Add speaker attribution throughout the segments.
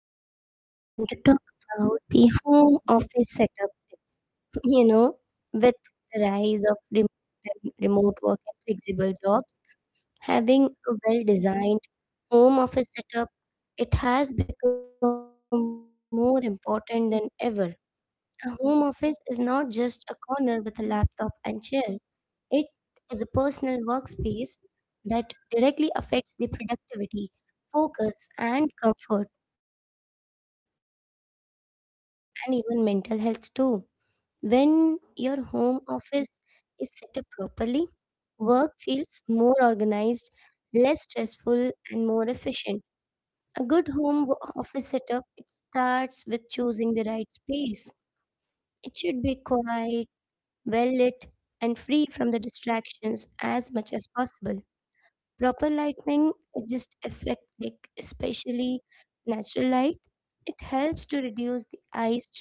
Speaker 1: Today we are going to talk about the home office setup tips. You know, with the rise of remote work and flexible jobs, having a well designed home office setup, it has become more important than ever. A home office is not just a corner with a laptop and chair, it is a personal workspace that directly affects the productivity, focus, and comfort and even mental health too. When your home office is set up properly, work feels more organized, less stressful, and more efficient. A good office setup it starts with choosing the right space. It should be quiet, well lit, and free from the distractions as much as possible. Proper lighting, it just affect like especially natural light. It helps to reduce the eye strain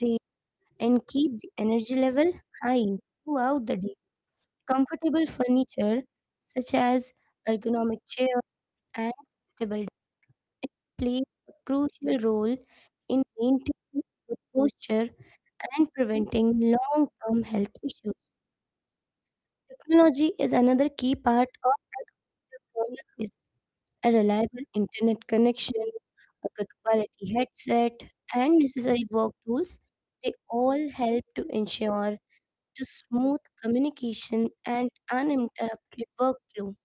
Speaker 1: and keep the energy level high throughout the day. Comfortable furniture such as ergonomic chairs and table desks play a crucial role in maintaining good posture and preventing long-term health issues. Technology is another key part of wellness. A reliable internet connection, a good quality headset, and necessary work tools, they all help to ensure to smooth communication and uninterrupted workflow.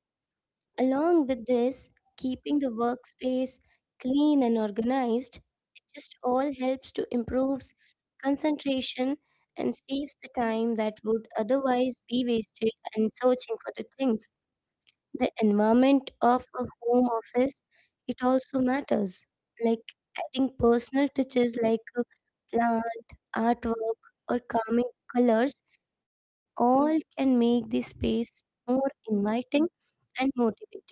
Speaker 1: Along with this, keeping the workspace clean and organized, it just all helps to improve concentration and saves the time that would otherwise be wasted in searching for the things. The environment of a home office, it also matters. Like adding personal touches like a plant, artwork, or calming colors all can make the space more inviting and motivating.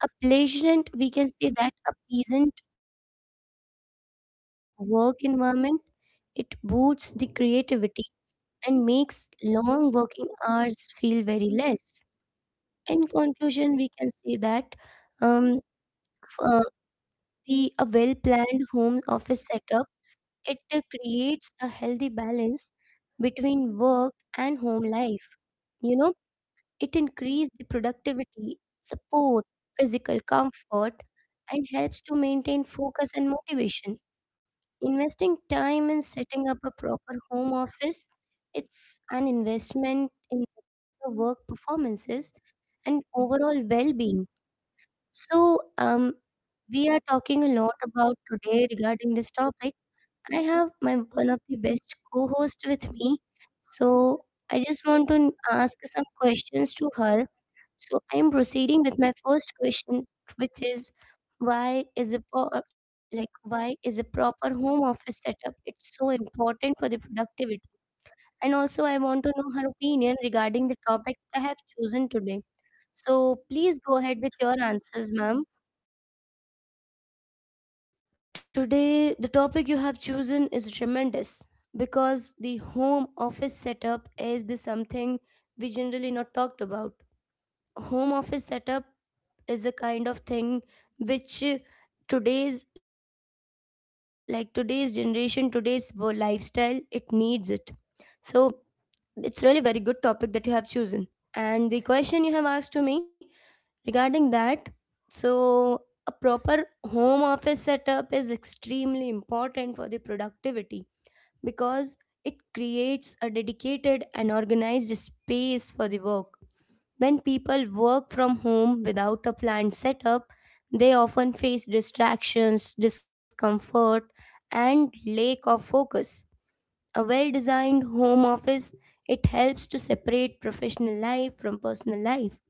Speaker 1: A pleasant, we can say that a pleasant work environment, it boosts the creativity and makes long working hours feel very less. In conclusion, we can say that um, f- the a well-planned home office setup, it creates a healthy balance between work and home life. You know, It increases the productivity, support, physical comfort, and helps to maintain focus and motivation. Investing time in setting up a proper home office, it's an investment in better work performances and overall well-being. So, we are talking a lot about today regarding this topic. I have my one of the best co-host with me, so I just want to ask some questions to her. So I am proceeding with my first question, which is why is a why is a proper home office setup? It's so important for the productivity. And also, I want to know her opinion regarding the topic I have chosen today. So please go ahead with your answers, ma'am.
Speaker 2: Today, the topic you have chosen is tremendous because the home office setup is the something we generally not talked about. Home office setup is a kind of thing which today's today's generation, lifestyle, it needs it. So it's really very good topic that you have chosen. And the question you have asked to me regarding that, so a proper home office setup is extremely important for the productivity because it creates a dedicated and organized space for the work. When people work from home without a planned setup, they often face distractions, discomfort, and lack of focus. A well designed home office it helps to separate professional life from personal life,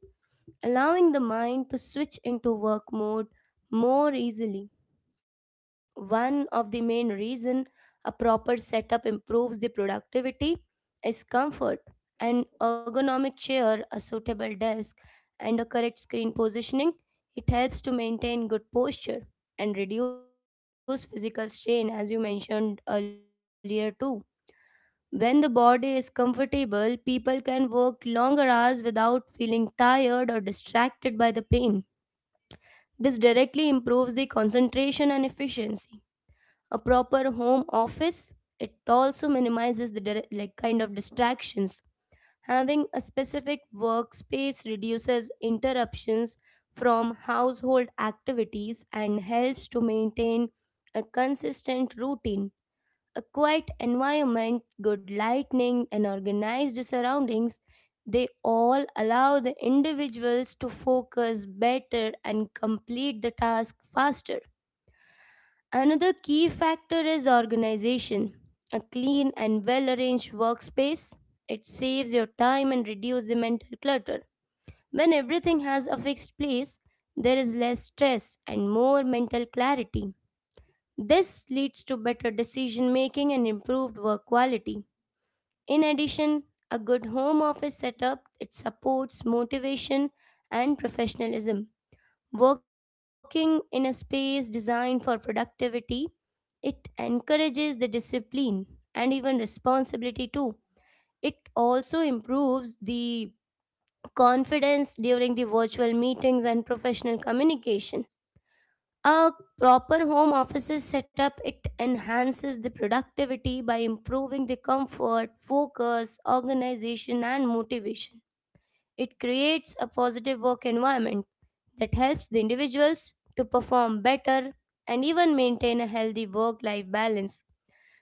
Speaker 2: allowing the mind to switch into work mode more easily. One of the main reason a proper setup improves the productivity is comfort. An ergonomic chair, a suitable desk, and a correct screen positioning, it helps to maintain good posture and reduce physical strain as you mentioned earlier too. When the body is comfortable, people can work longer hours without feeling tired or distracted by the pain. This directly improves the concentration and efficiency. A proper home office it also minimizes the like kind of distractions. Having a specific workspace reduces interruptions from household activities and helps to maintain a consistent routine. A quiet environment, good lighting, and organized surroundings, they all allow the individuals to focus better and complete the task faster. Another key factor is organization. A clean and well arranged workspace, it saves your time and reduces the mental clutter. When everything has a fixed place, there is less stress and more mental clarity. This leads to better decision making and improved work quality. In addition, a good home office setup it supports motivation and professionalism. Working in a space designed for productivity, it encourages the discipline and even responsibility too. It also improves the confidence during the virtual meetings and professional communication. A proper home offices setup it enhances the productivity by improving the comfort, focus, organization and motivation. It creates a positive work environment that helps the individuals to perform better and even maintain a healthy work life balance.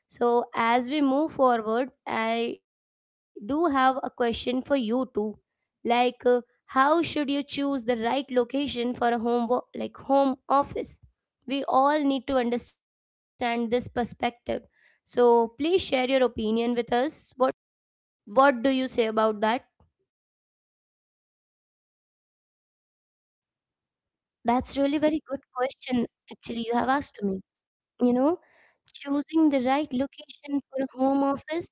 Speaker 2: So, as we move forward, I do have a question for you too. Like, how should you choose the right location for a like home office? We all need to understand this perspective. So, please share your opinion with us. What do you say about that?
Speaker 1: That's really very good question actually you have asked to me. You know, choosing the right location for a home office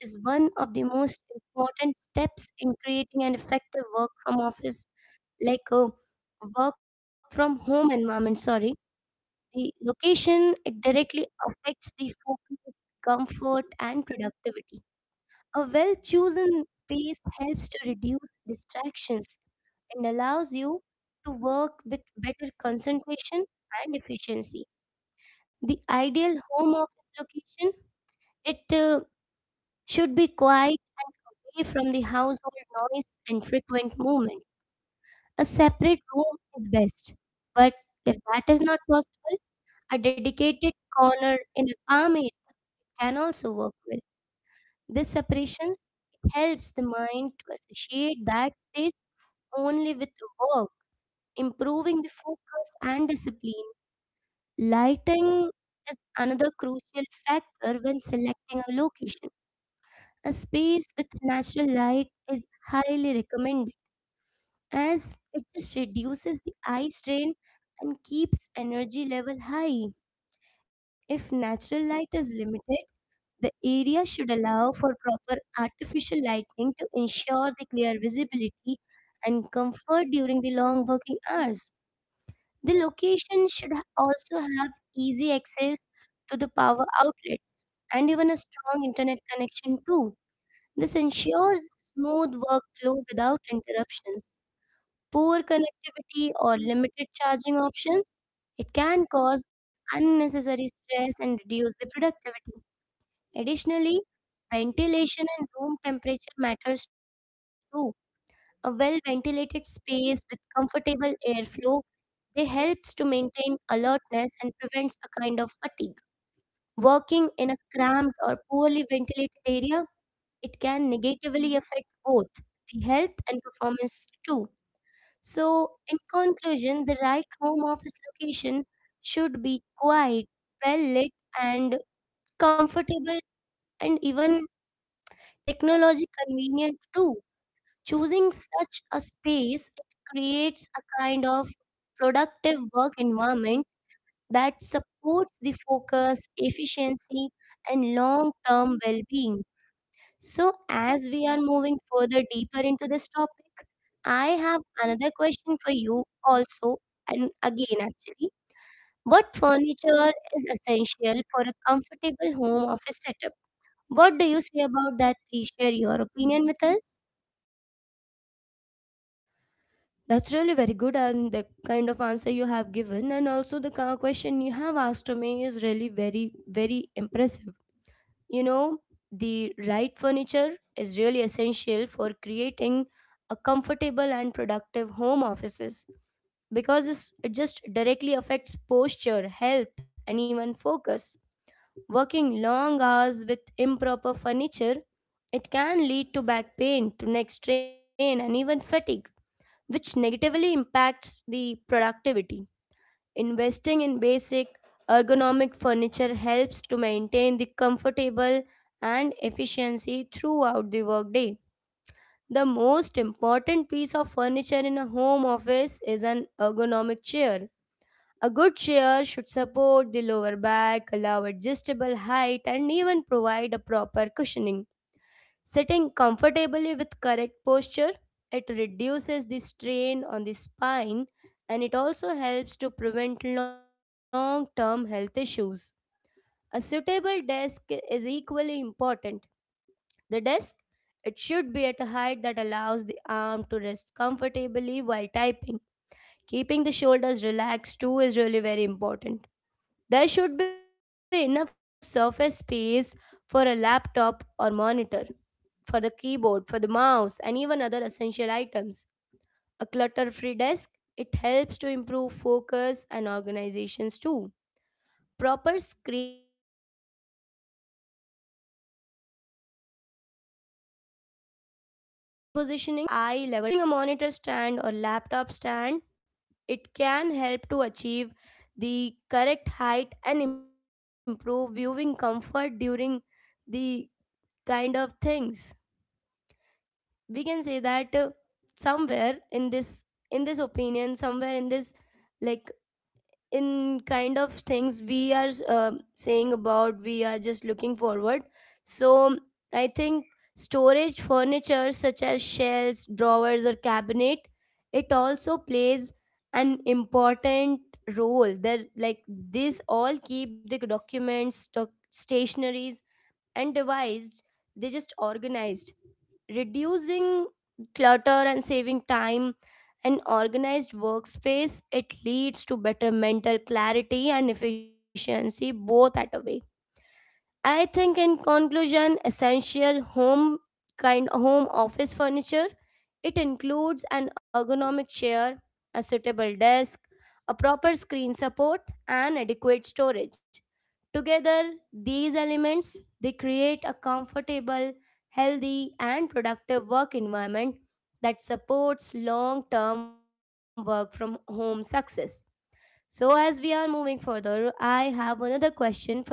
Speaker 1: is one of the most important steps in creating an effective work from office like a work from home environment, sorry. The location it directly affects the focus, comfort and productivity. A well chosen space helps to reduce distractions and allows you to work with better concentration and efficiency. The ideal home office location it should be quiet and away from the household noise and frequent movement. A separate room is best, but if that is not possible, a dedicated corner in a calm area can also work well. This separations it helps the mind to associate that space only with work, improving the focus and discipline. Lighting is another crucial factor when selecting a location. A space with natural light is highly recommended as it just reduces the eye strain and keeps energy level high. If natural light is limited, the area should allow for proper artificial lighting to ensure the clear visibility and comfort during the long working hours. The location should also have easy access to the power outlets and even a strong internet connection too. This ensures smooth workflow without interruptions. Poor connectivity or limited charging options, it can cause unnecessary stress and reduce the productivity. Additionally, ventilation and room temperature matters too. A well ventilated space with comfortable airflow they helps to maintain alertness and prevents a kind of fatigue. Working in a cramped or poorly ventilated area, it can negatively affect both the health and performance too. So, in conclusion, the right home office location should be quiet, well lit, and comfortable, and even technology convenient too. Choosing such a space creates a kind of productive work environment that supports the focus, efficiency, and long term well being. So, as we are moving further deeper into this topic, I have another question for you also, and again, actually. What furniture is essential for a comfortable home office setup? What do you say about that? Please share your opinion with us.
Speaker 2: That's really very good, and the kind of answer you have given, and also the question you have asked to me is really very, very impressive. You know, the right furniture is really essential for creating a comfortable and productive home offices because it just directly affects posture, health, and even focus. Working long hours with improper furniture, it can lead to back pain, to neck strain, and even fatigue which negatively impacts the productivity. Investing in basic ergonomic furniture helps to maintain the comfortable and efficiency throughout the workday. The most important piece of furniture in a home office is an ergonomic chair. A good chair should support the lower back, allow adjustable height, and even provide a proper cushioning. Sitting comfortably with correct posture, it reduces the strain on the spine and it also helps to prevent long term health issues. A suitable desk is equally important. The desk it should be at a height that allows the arm to rest comfortably while typing. Keeping the shoulders relaxed too is really very important. There should be enough surface space for a laptop or monitor, for the keyboard, for the mouse, and even other essential items. A clutter free desk, it helps to improve focus and organizations too. Proper screen positioning is another key factor. The computer screen should be placed at eye level to avoid neck strain. Using a monitor stand or laptop stand, it can help to achieve the correct height and improve viewing comfort during the kind of things. We can say that somewhere in this, in this opinion somewhere in this like in kind of things we are saying about, we are just looking forward. So I think storage furniture such as shelves, drawers, or cabinet, it also plays an important role, that like these all keep the documents, stationaries, and devised, they just organized, reducing clutter and saving time. An organized workspace, it leads to better mental clarity and efficiency both at a way. I think in conclusion, essential home office furniture it includes an ergonomic chair, a suitable desk, a proper screen support and adequate storage. Together, these elements they create a comfortable, healthy and productive work environment that supports long-term work from home success. So as we are moving further, I have another question for you.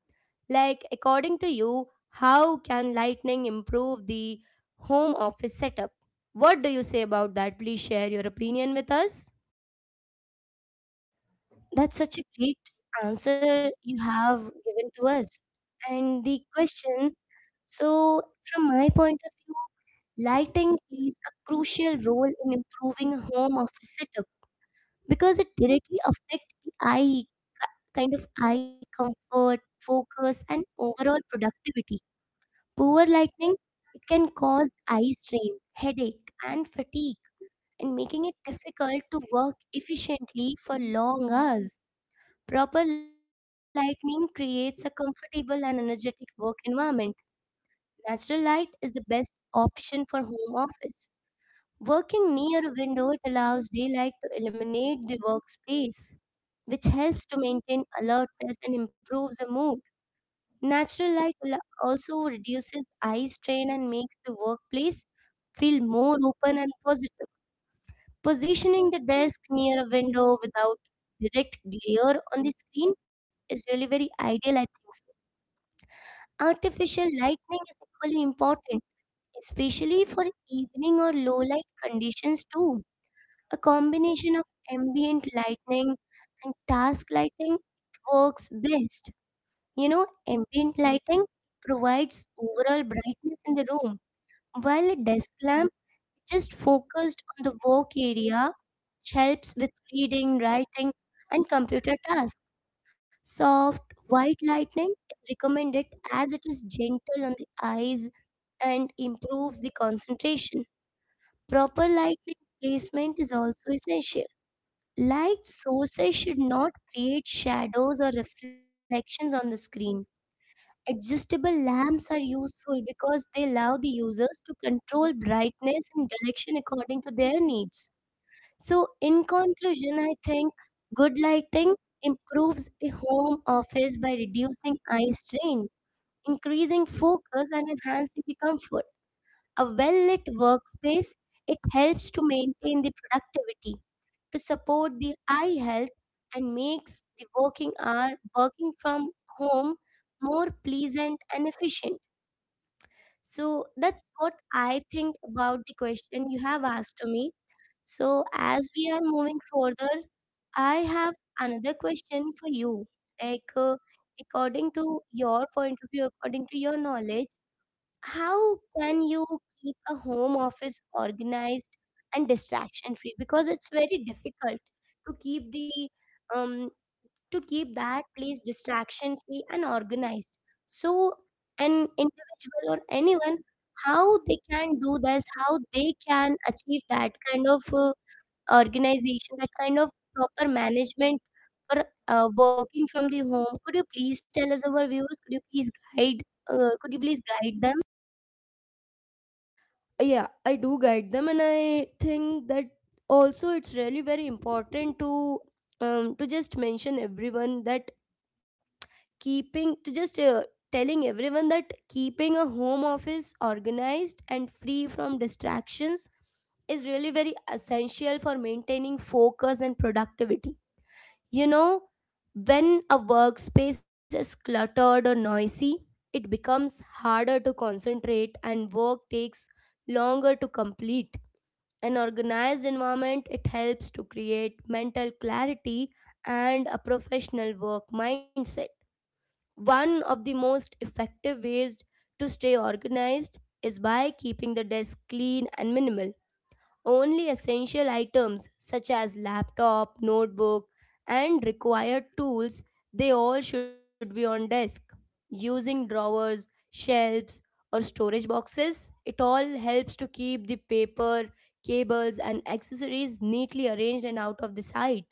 Speaker 2: Like, according to you, how can lightning improve the home office setup? What do you say about that? Please share your opinion with us.
Speaker 1: That's such a great answer you have given to us. And the question so, from my point of view, lighting plays a crucial role in improving home office setup because it directly affects the eye kind of eye comfort, focus, and overall productivity. Poor lighting it can cause eye strain, headache, and fatigue, and making it difficult to work efficiently for long hours. Proper lighting creates a comfortable and energetic work environment. Natural light is the best option for home office. Working near a window, it allows daylight to illuminate the workspace, which helps to maintain alertness and improves the mood. Natural light al- also reduces eye strain and makes the workplace feel more open and positive. Positioning the desk near a window without direct glare on the screen is really very ideal, I think so. Artificial lighting is equally important, especially for evening or low light conditions too. A combination of ambient lighting and task lighting works best. You know, ambient lighting provides overall brightness in the room, while a desk lamp just focused on the work area, which helps with reading, writing, and computer tasks. Soft white lighting is recommended as it is gentle on the eyes and improves the concentration. Proper lighting placement is also essential. Light sources should not create shadows or reflections on the screen. Adjustable lamps are useful because they allow the users to control brightness and direction according to their needs. So, in conclusion, I think good lighting improves a home office by reducing eye strain, increasing focus, and enhancing the comfort. A well lit workspace it helps to maintain the productivity to support the eye health and makes the working hour working from home more pleasant and efficient. So that's what I think about the question you have asked to me. So as we are moving further, I have another question for you. Like according to your point of view, according to your knowledge, how can you keep a home office organized and distraction free because it's very difficult to keep the um to keep that place distraction free and organized, so an individual or anyone, how they can do this, how they can achieve that kind of organization, that kind of proper management for working from the home? Could you please tell us, our viewers, could you please guide, could you please guide them?
Speaker 2: Yeah, I do guide them and I think that also it's really very important to just mention everyone that, keeping to just telling everyone that keeping a home office organized and free from distractions is really very essential for maintaining focus and productivity. You know, when a workspace is cluttered or noisy, it becomes harder to concentrate and work takes longer to complete. An organized environment it helps to create mental clarity and a professional work mindset. One of the most effective ways to stay organized is by keeping the desk clean and minimal. Only essential items such as laptop, notebook, and required tools, they all should be on desk. Using drawers, shelves, or storage boxes, it all helps to keep the paper, cables, and accessories neatly arranged and out of the sight.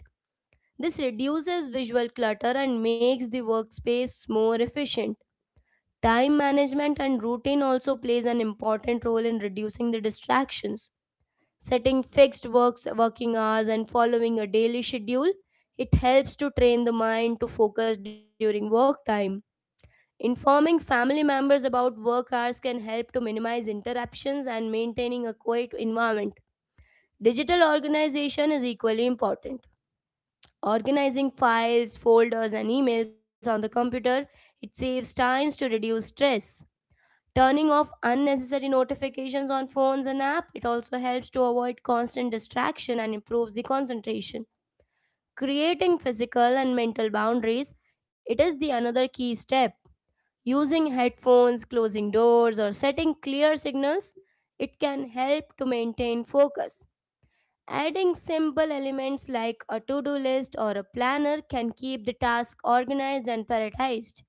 Speaker 2: This reduces visual clutter and makes the workspace more efficient. Time management and routine also plays an important role in reducing the distractions. Setting fixed works working hours and following a daily schedule, it helps to train the mind to focus during work time. Informing family members about work hours can help to minimize interruptions and maintaining a quiet environment. Digital organization is equally important. Organizing files, folders, and emails on the computer, it saves times to reduce stress. Turning off unnecessary notifications on phones and app, it also helps to avoid constant distraction and improves the concentration. Creating physical and mental boundaries, it is the another key step. Using headphones, closing doors or setting clear signals, it can help to maintain focus. Adding simple elements like a to-do list or a planner can keep the task organized and prioritized.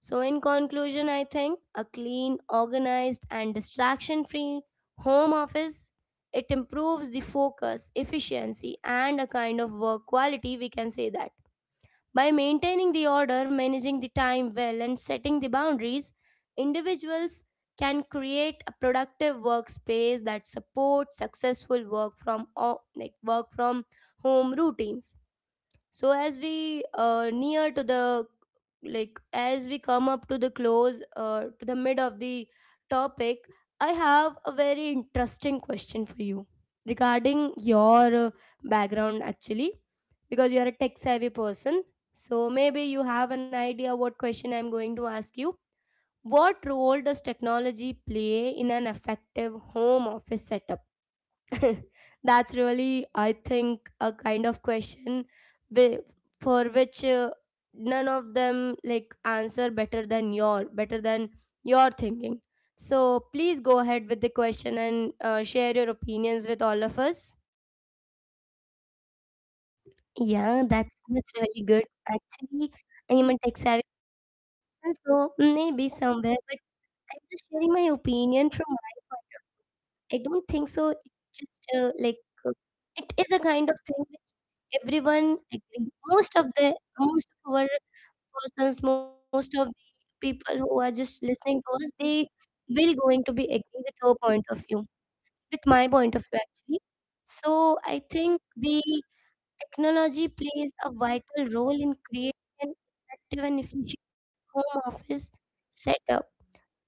Speaker 2: So, in conclusion, I think a clean, organized, and distraction free home office it improves the focus, efficiency, and a kind of work quality. We can say that. By maintaining the order, managing the time well, and setting the boundaries, individuals can create a productive workspace that supports successful like work from home routines. So as we near to the like, as we come up to the close to the mid of the topic, I have a very interesting question for you regarding your background actually, because you are a tech savvy person, so maybe you have an idea what question I'm going to ask you. What role does technology play in an effective home office setup? That's really, I think, a kind of question wi- for which none of them like answer better than your thinking. So please go ahead with the question and share your opinions with all of us.
Speaker 1: Yeah, that's really good. Actually, I am a tech savvy person, so maybe somewhere, but I'm just sharing my opinion from my. I don't think so. It's just uh, it is a kind of thing which everyone agree. Most of our persons, most of the people who are just listening to us, they will going to be agree with our point of view, with my point of view actually. So I think the technology plays a vital role in creating an effective and efficient home office setup.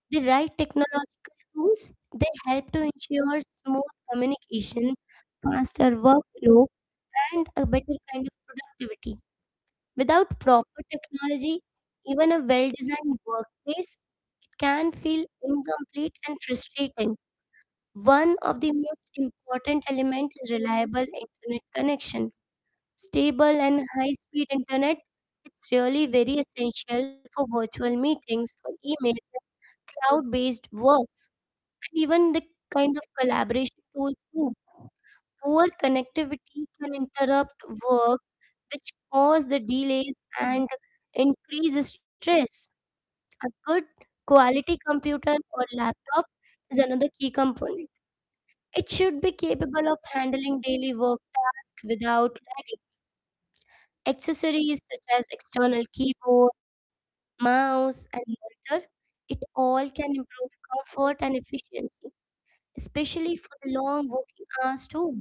Speaker 1: The right technological tools they help to ensure smooth communication, faster workflow, and a better kind of productivity. Without proper technology, even a well-designed workplace it can feel incomplete and frustrating. One of the most important element is reliable internet connection. Stable and high speed internet it's really very essential for virtual meetings, for email, cloud based works, and even the kind of collaboration tools too. Poor connectivity can interrupt work, which cause the delays and increase stress. A good quality computer or laptop is another key component. It should be capable of handling daily work tasks without lagging. Accessories such as external keyboard, mouse, and monitor, it all can improve comfort and efficiency, especially for the long working hours too.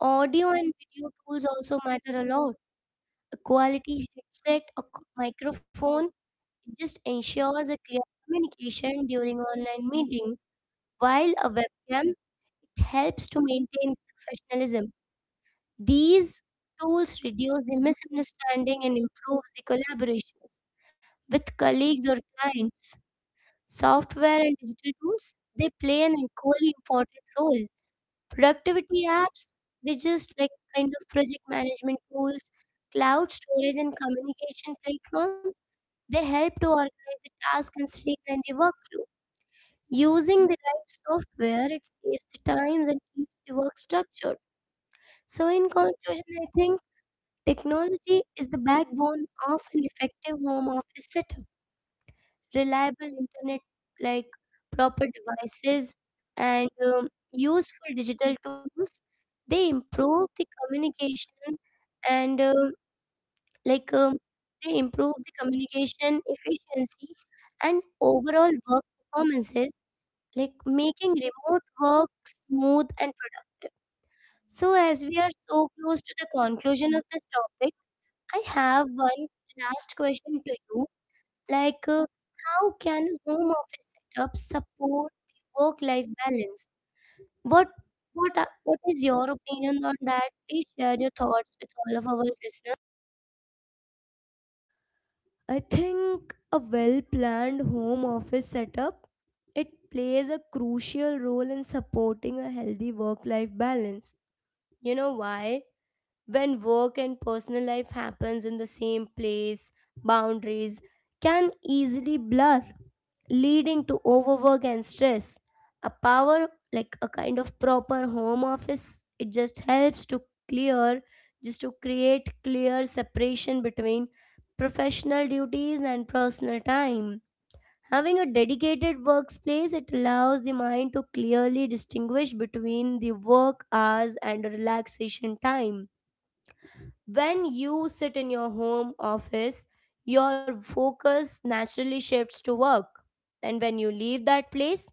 Speaker 1: Audio and video tools also matter a lot. A quality headset or microphone just ensures a clear communication during online meetings, while a webcam it helps to maintain professionalism. These tools reduce the misunderstanding and improves the collaborations with colleagues or clients. Software and digital tools, they play an equally important role. Productivity apps, they just like kind of project management tools, cloud storage and communication platforms, they help to organize the task and streamline the workflow. Using the right software, it saves the times and keeps the work structured. So, in conclusion, I think technology is the backbone of an effective home office setup. Reliable internet, like proper devices and useful digital tools, they improve the communication and like um, they improve the communication efficiency and overall work performances, like making remote work smooth and productive. So as we are so close to the conclusion of this topic, I have one last question to you. like, uh, how can home office setup support the work-life balance? What what are, what is your opinion on that? Please share your thoughts with all of our listeners.
Speaker 2: I think a well-planned home office setup it plays a crucial role in supporting a healthy work-life balance. You know why? When work and personal life happens in the same place, boundaries can easily blur, leading to overwork and stress. A power like a kind of proper home office it just helps to clear just to create clear separation between professional duties and personal time. Having a dedicated workspace it allows the mind to clearly distinguish between the work hours and relaxation time. When you sit in your home office, your focus naturally shifts to work. And when you leave that place,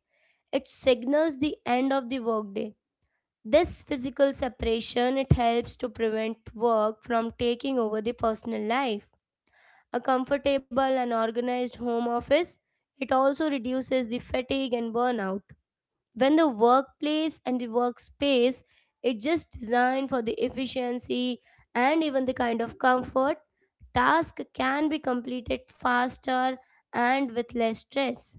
Speaker 2: it signals the end of the workday. This physical separation it helps to prevent work from taking over the personal life. A comfortable and organized home office it also reduces the fatigue and burnout. When the workplace and the workspace it just designed for the efficiency and even the kind of comfort, task can be completed faster and with less stress.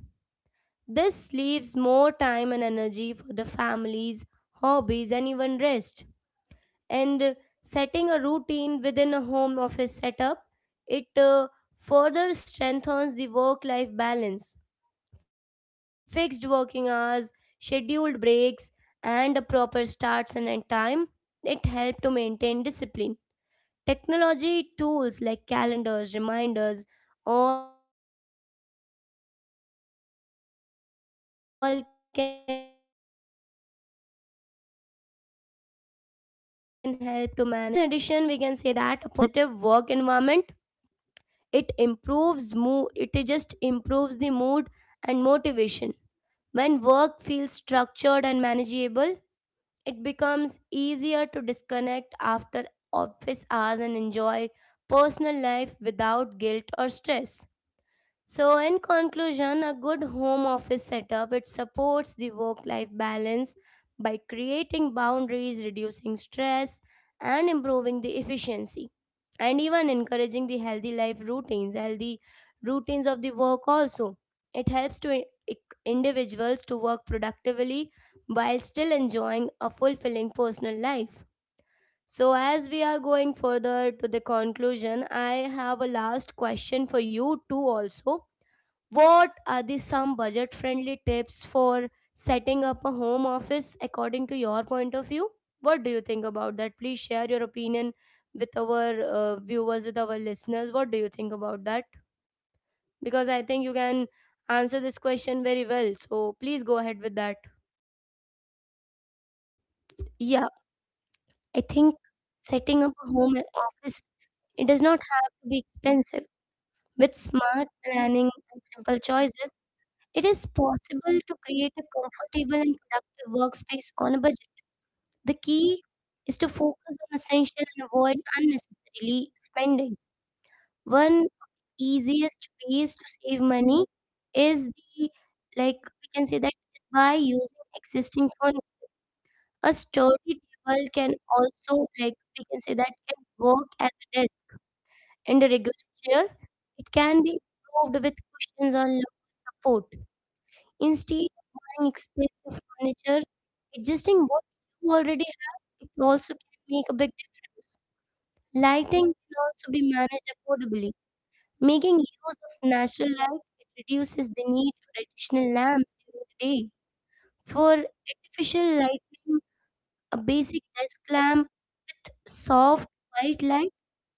Speaker 2: This leaves more time and energy for the families, hobbies, and even rest. And setting a routine within a home office setup, it further strengthens the work life balance. Fixed working hours, scheduled breaks, and a proper start and end time, it helped to maintain discipline. Technology tools like calendars, reminders, all can help to manage the time effectively and avoid overworking. So, in addition, we can say that a personalized and pers- like a personalized and positive work environment it improves mood. It just improves the mood and motivation. When work feels structured and manageable, it becomes easier to disconnect after office hours and enjoy personal life without guilt or stress. So, in conclusion, a good home office setup it supports the work-life balance by creating boundaries, reducing stress, and improving the efficiency, and even encouraging the healthy routines of the work. Also, it helps to individuals to work productively while still enjoying a fulfilling personal life. So, as we are going further to the conclusion, I have a last question for you too, also. What are the some budget friendly tips for setting up a home office according to your point of view? What do you think about that? Please share your opinion with our viewers, with our listeners. What do you think about that? Because I think you can answer this question very well. So please go ahead with that.
Speaker 1: Yeah, I think setting up a home office, it does not have to be expensive. With smart planning and simple choices, it is possible to create a comfortable and productive workspace on a budget. The key is to focus on essential and avoid unnecessarily spending. One easiest ways to save money is the, like we can say that, is by using existing phone. A story table can also, like we can say, that can work as a desk, and a regular chair. It can be improved with cushions or lower support. Instead of buying expensive furniture, adjusting what you already have, it also can make a big difference. Lighting can also be managed affordably. Making use of natural light, it reduces the need for additional lamps during the day. For artificial lighting, a basic desk lamp with soft white light,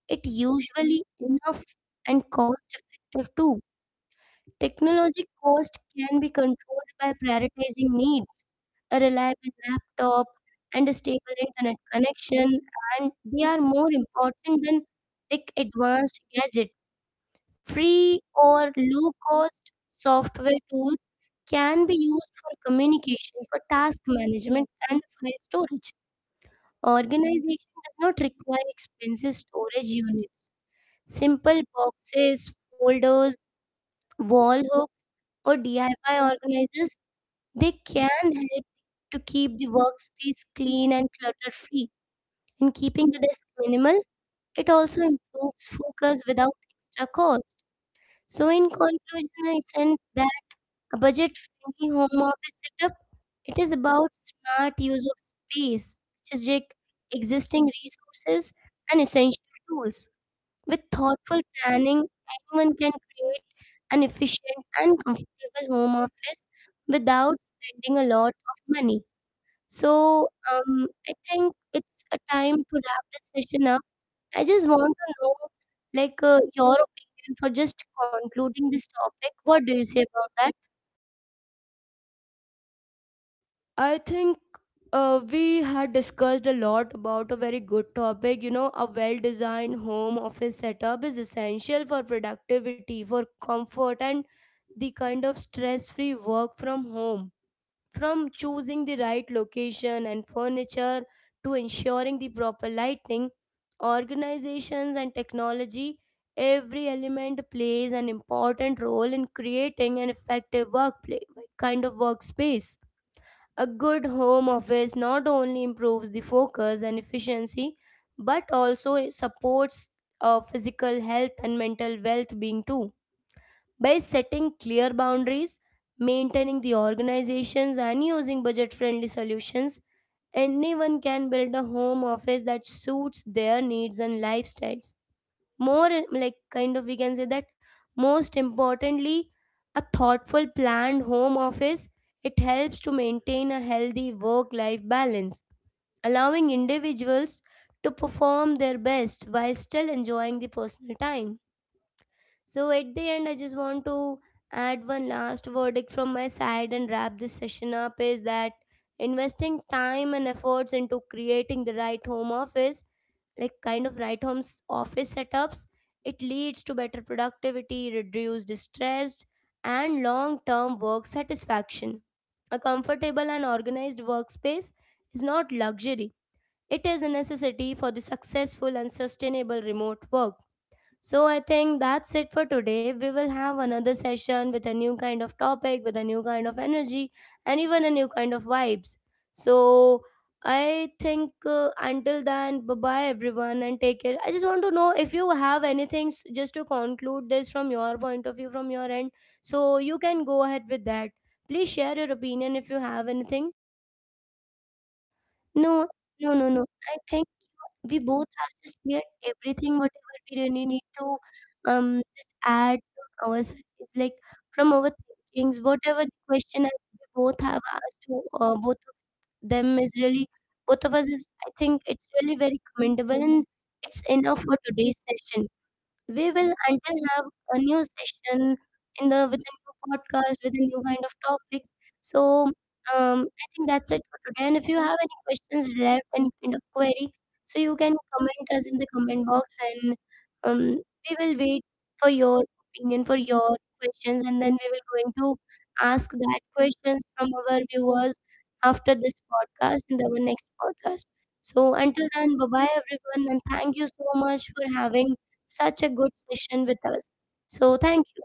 Speaker 1: it usually enough and cost effective too. Technology cost can be controlled by prioritizing needs, a reliable laptop and a stable internet connection, and they are more important than like advanced gadgets. Free or low cost software tools can be used for communication, for task management, and file storage. Organization does not require expensive storage units. Simple boxes, folders, wall hooks, or DIY organizers, they can help to keep the workspace clean and clutter free. In keeping the desk minimal, it also improves focus without extra cost. So, in conclusion, I send that. A budget-friendly home office setup, it is about smart use of space, strategic existing resources, and essential tools. With thoughtful planning, anyone can create an efficient and comfortable home office without spending a lot of money. So, I think it's a time to wrap this session up. I just want to know, your opinion for just concluding this topic. What do you say about that?
Speaker 2: I think we had discussed a lot about a very good topic. You know, a well designed home office setup is essential for productivity, for comfort, and the kind of stress free work from home. From choosing the right location and furniture to ensuring the proper lighting, organizations and technology, every element plays an important role in creating an effective workplace kind of workspace. A good home office not only improves the focus and efficiency but also supports physical health and mental well being too. By setting clear boundaries, maintaining the organizations, and using budget friendly solutions, anyone can build a home office that suits their needs and lifestyles. More like, kind of, we can say that most importantly, a thoughtful planned home office it helps to maintain a healthy work life balance, allowing individuals to perform their best while still enjoying the personal time. So at the end, I just want to add one last verdict from my side and wrap this session up is that investing time and efforts into creating the right home office, right home's office setups, it leads to better productivity, reduced stress, and long term work satisfaction. A comfortable and organized workspace is not luxury, it is a necessity for the successful and sustainable remote work. So I think that's it for today. We will have another session with a new kind of topic, with a new kind of energy, and even a new kind of vibes. So I think until then, bye bye everyone and take care. I just want to know if you have anything just to conclude this from your point of view, from your end. So you can go ahead with that. Please share your opinion if you have anything.
Speaker 1: No, no, no, no. I think we both have just cleared everything, whatever we really need to just add from our side. It's like from our thinkings, whatever the question we both have asked to both of them is really both of us is, I think, it's really very commendable, and it's enough for today's session. We will until have a new session in the, with a new podcast with a new kind of topics. So, I think that's it for today. And if you have any questions left, any kind of query, so you can comment us in the comment box, and um, we will wait for your opinion, for your questions, and then we will going to ask that questions from our viewers after this podcast in our next podcast. So until then, bye bye everyone, and thank you so much for having such a good session with us. So, thank you.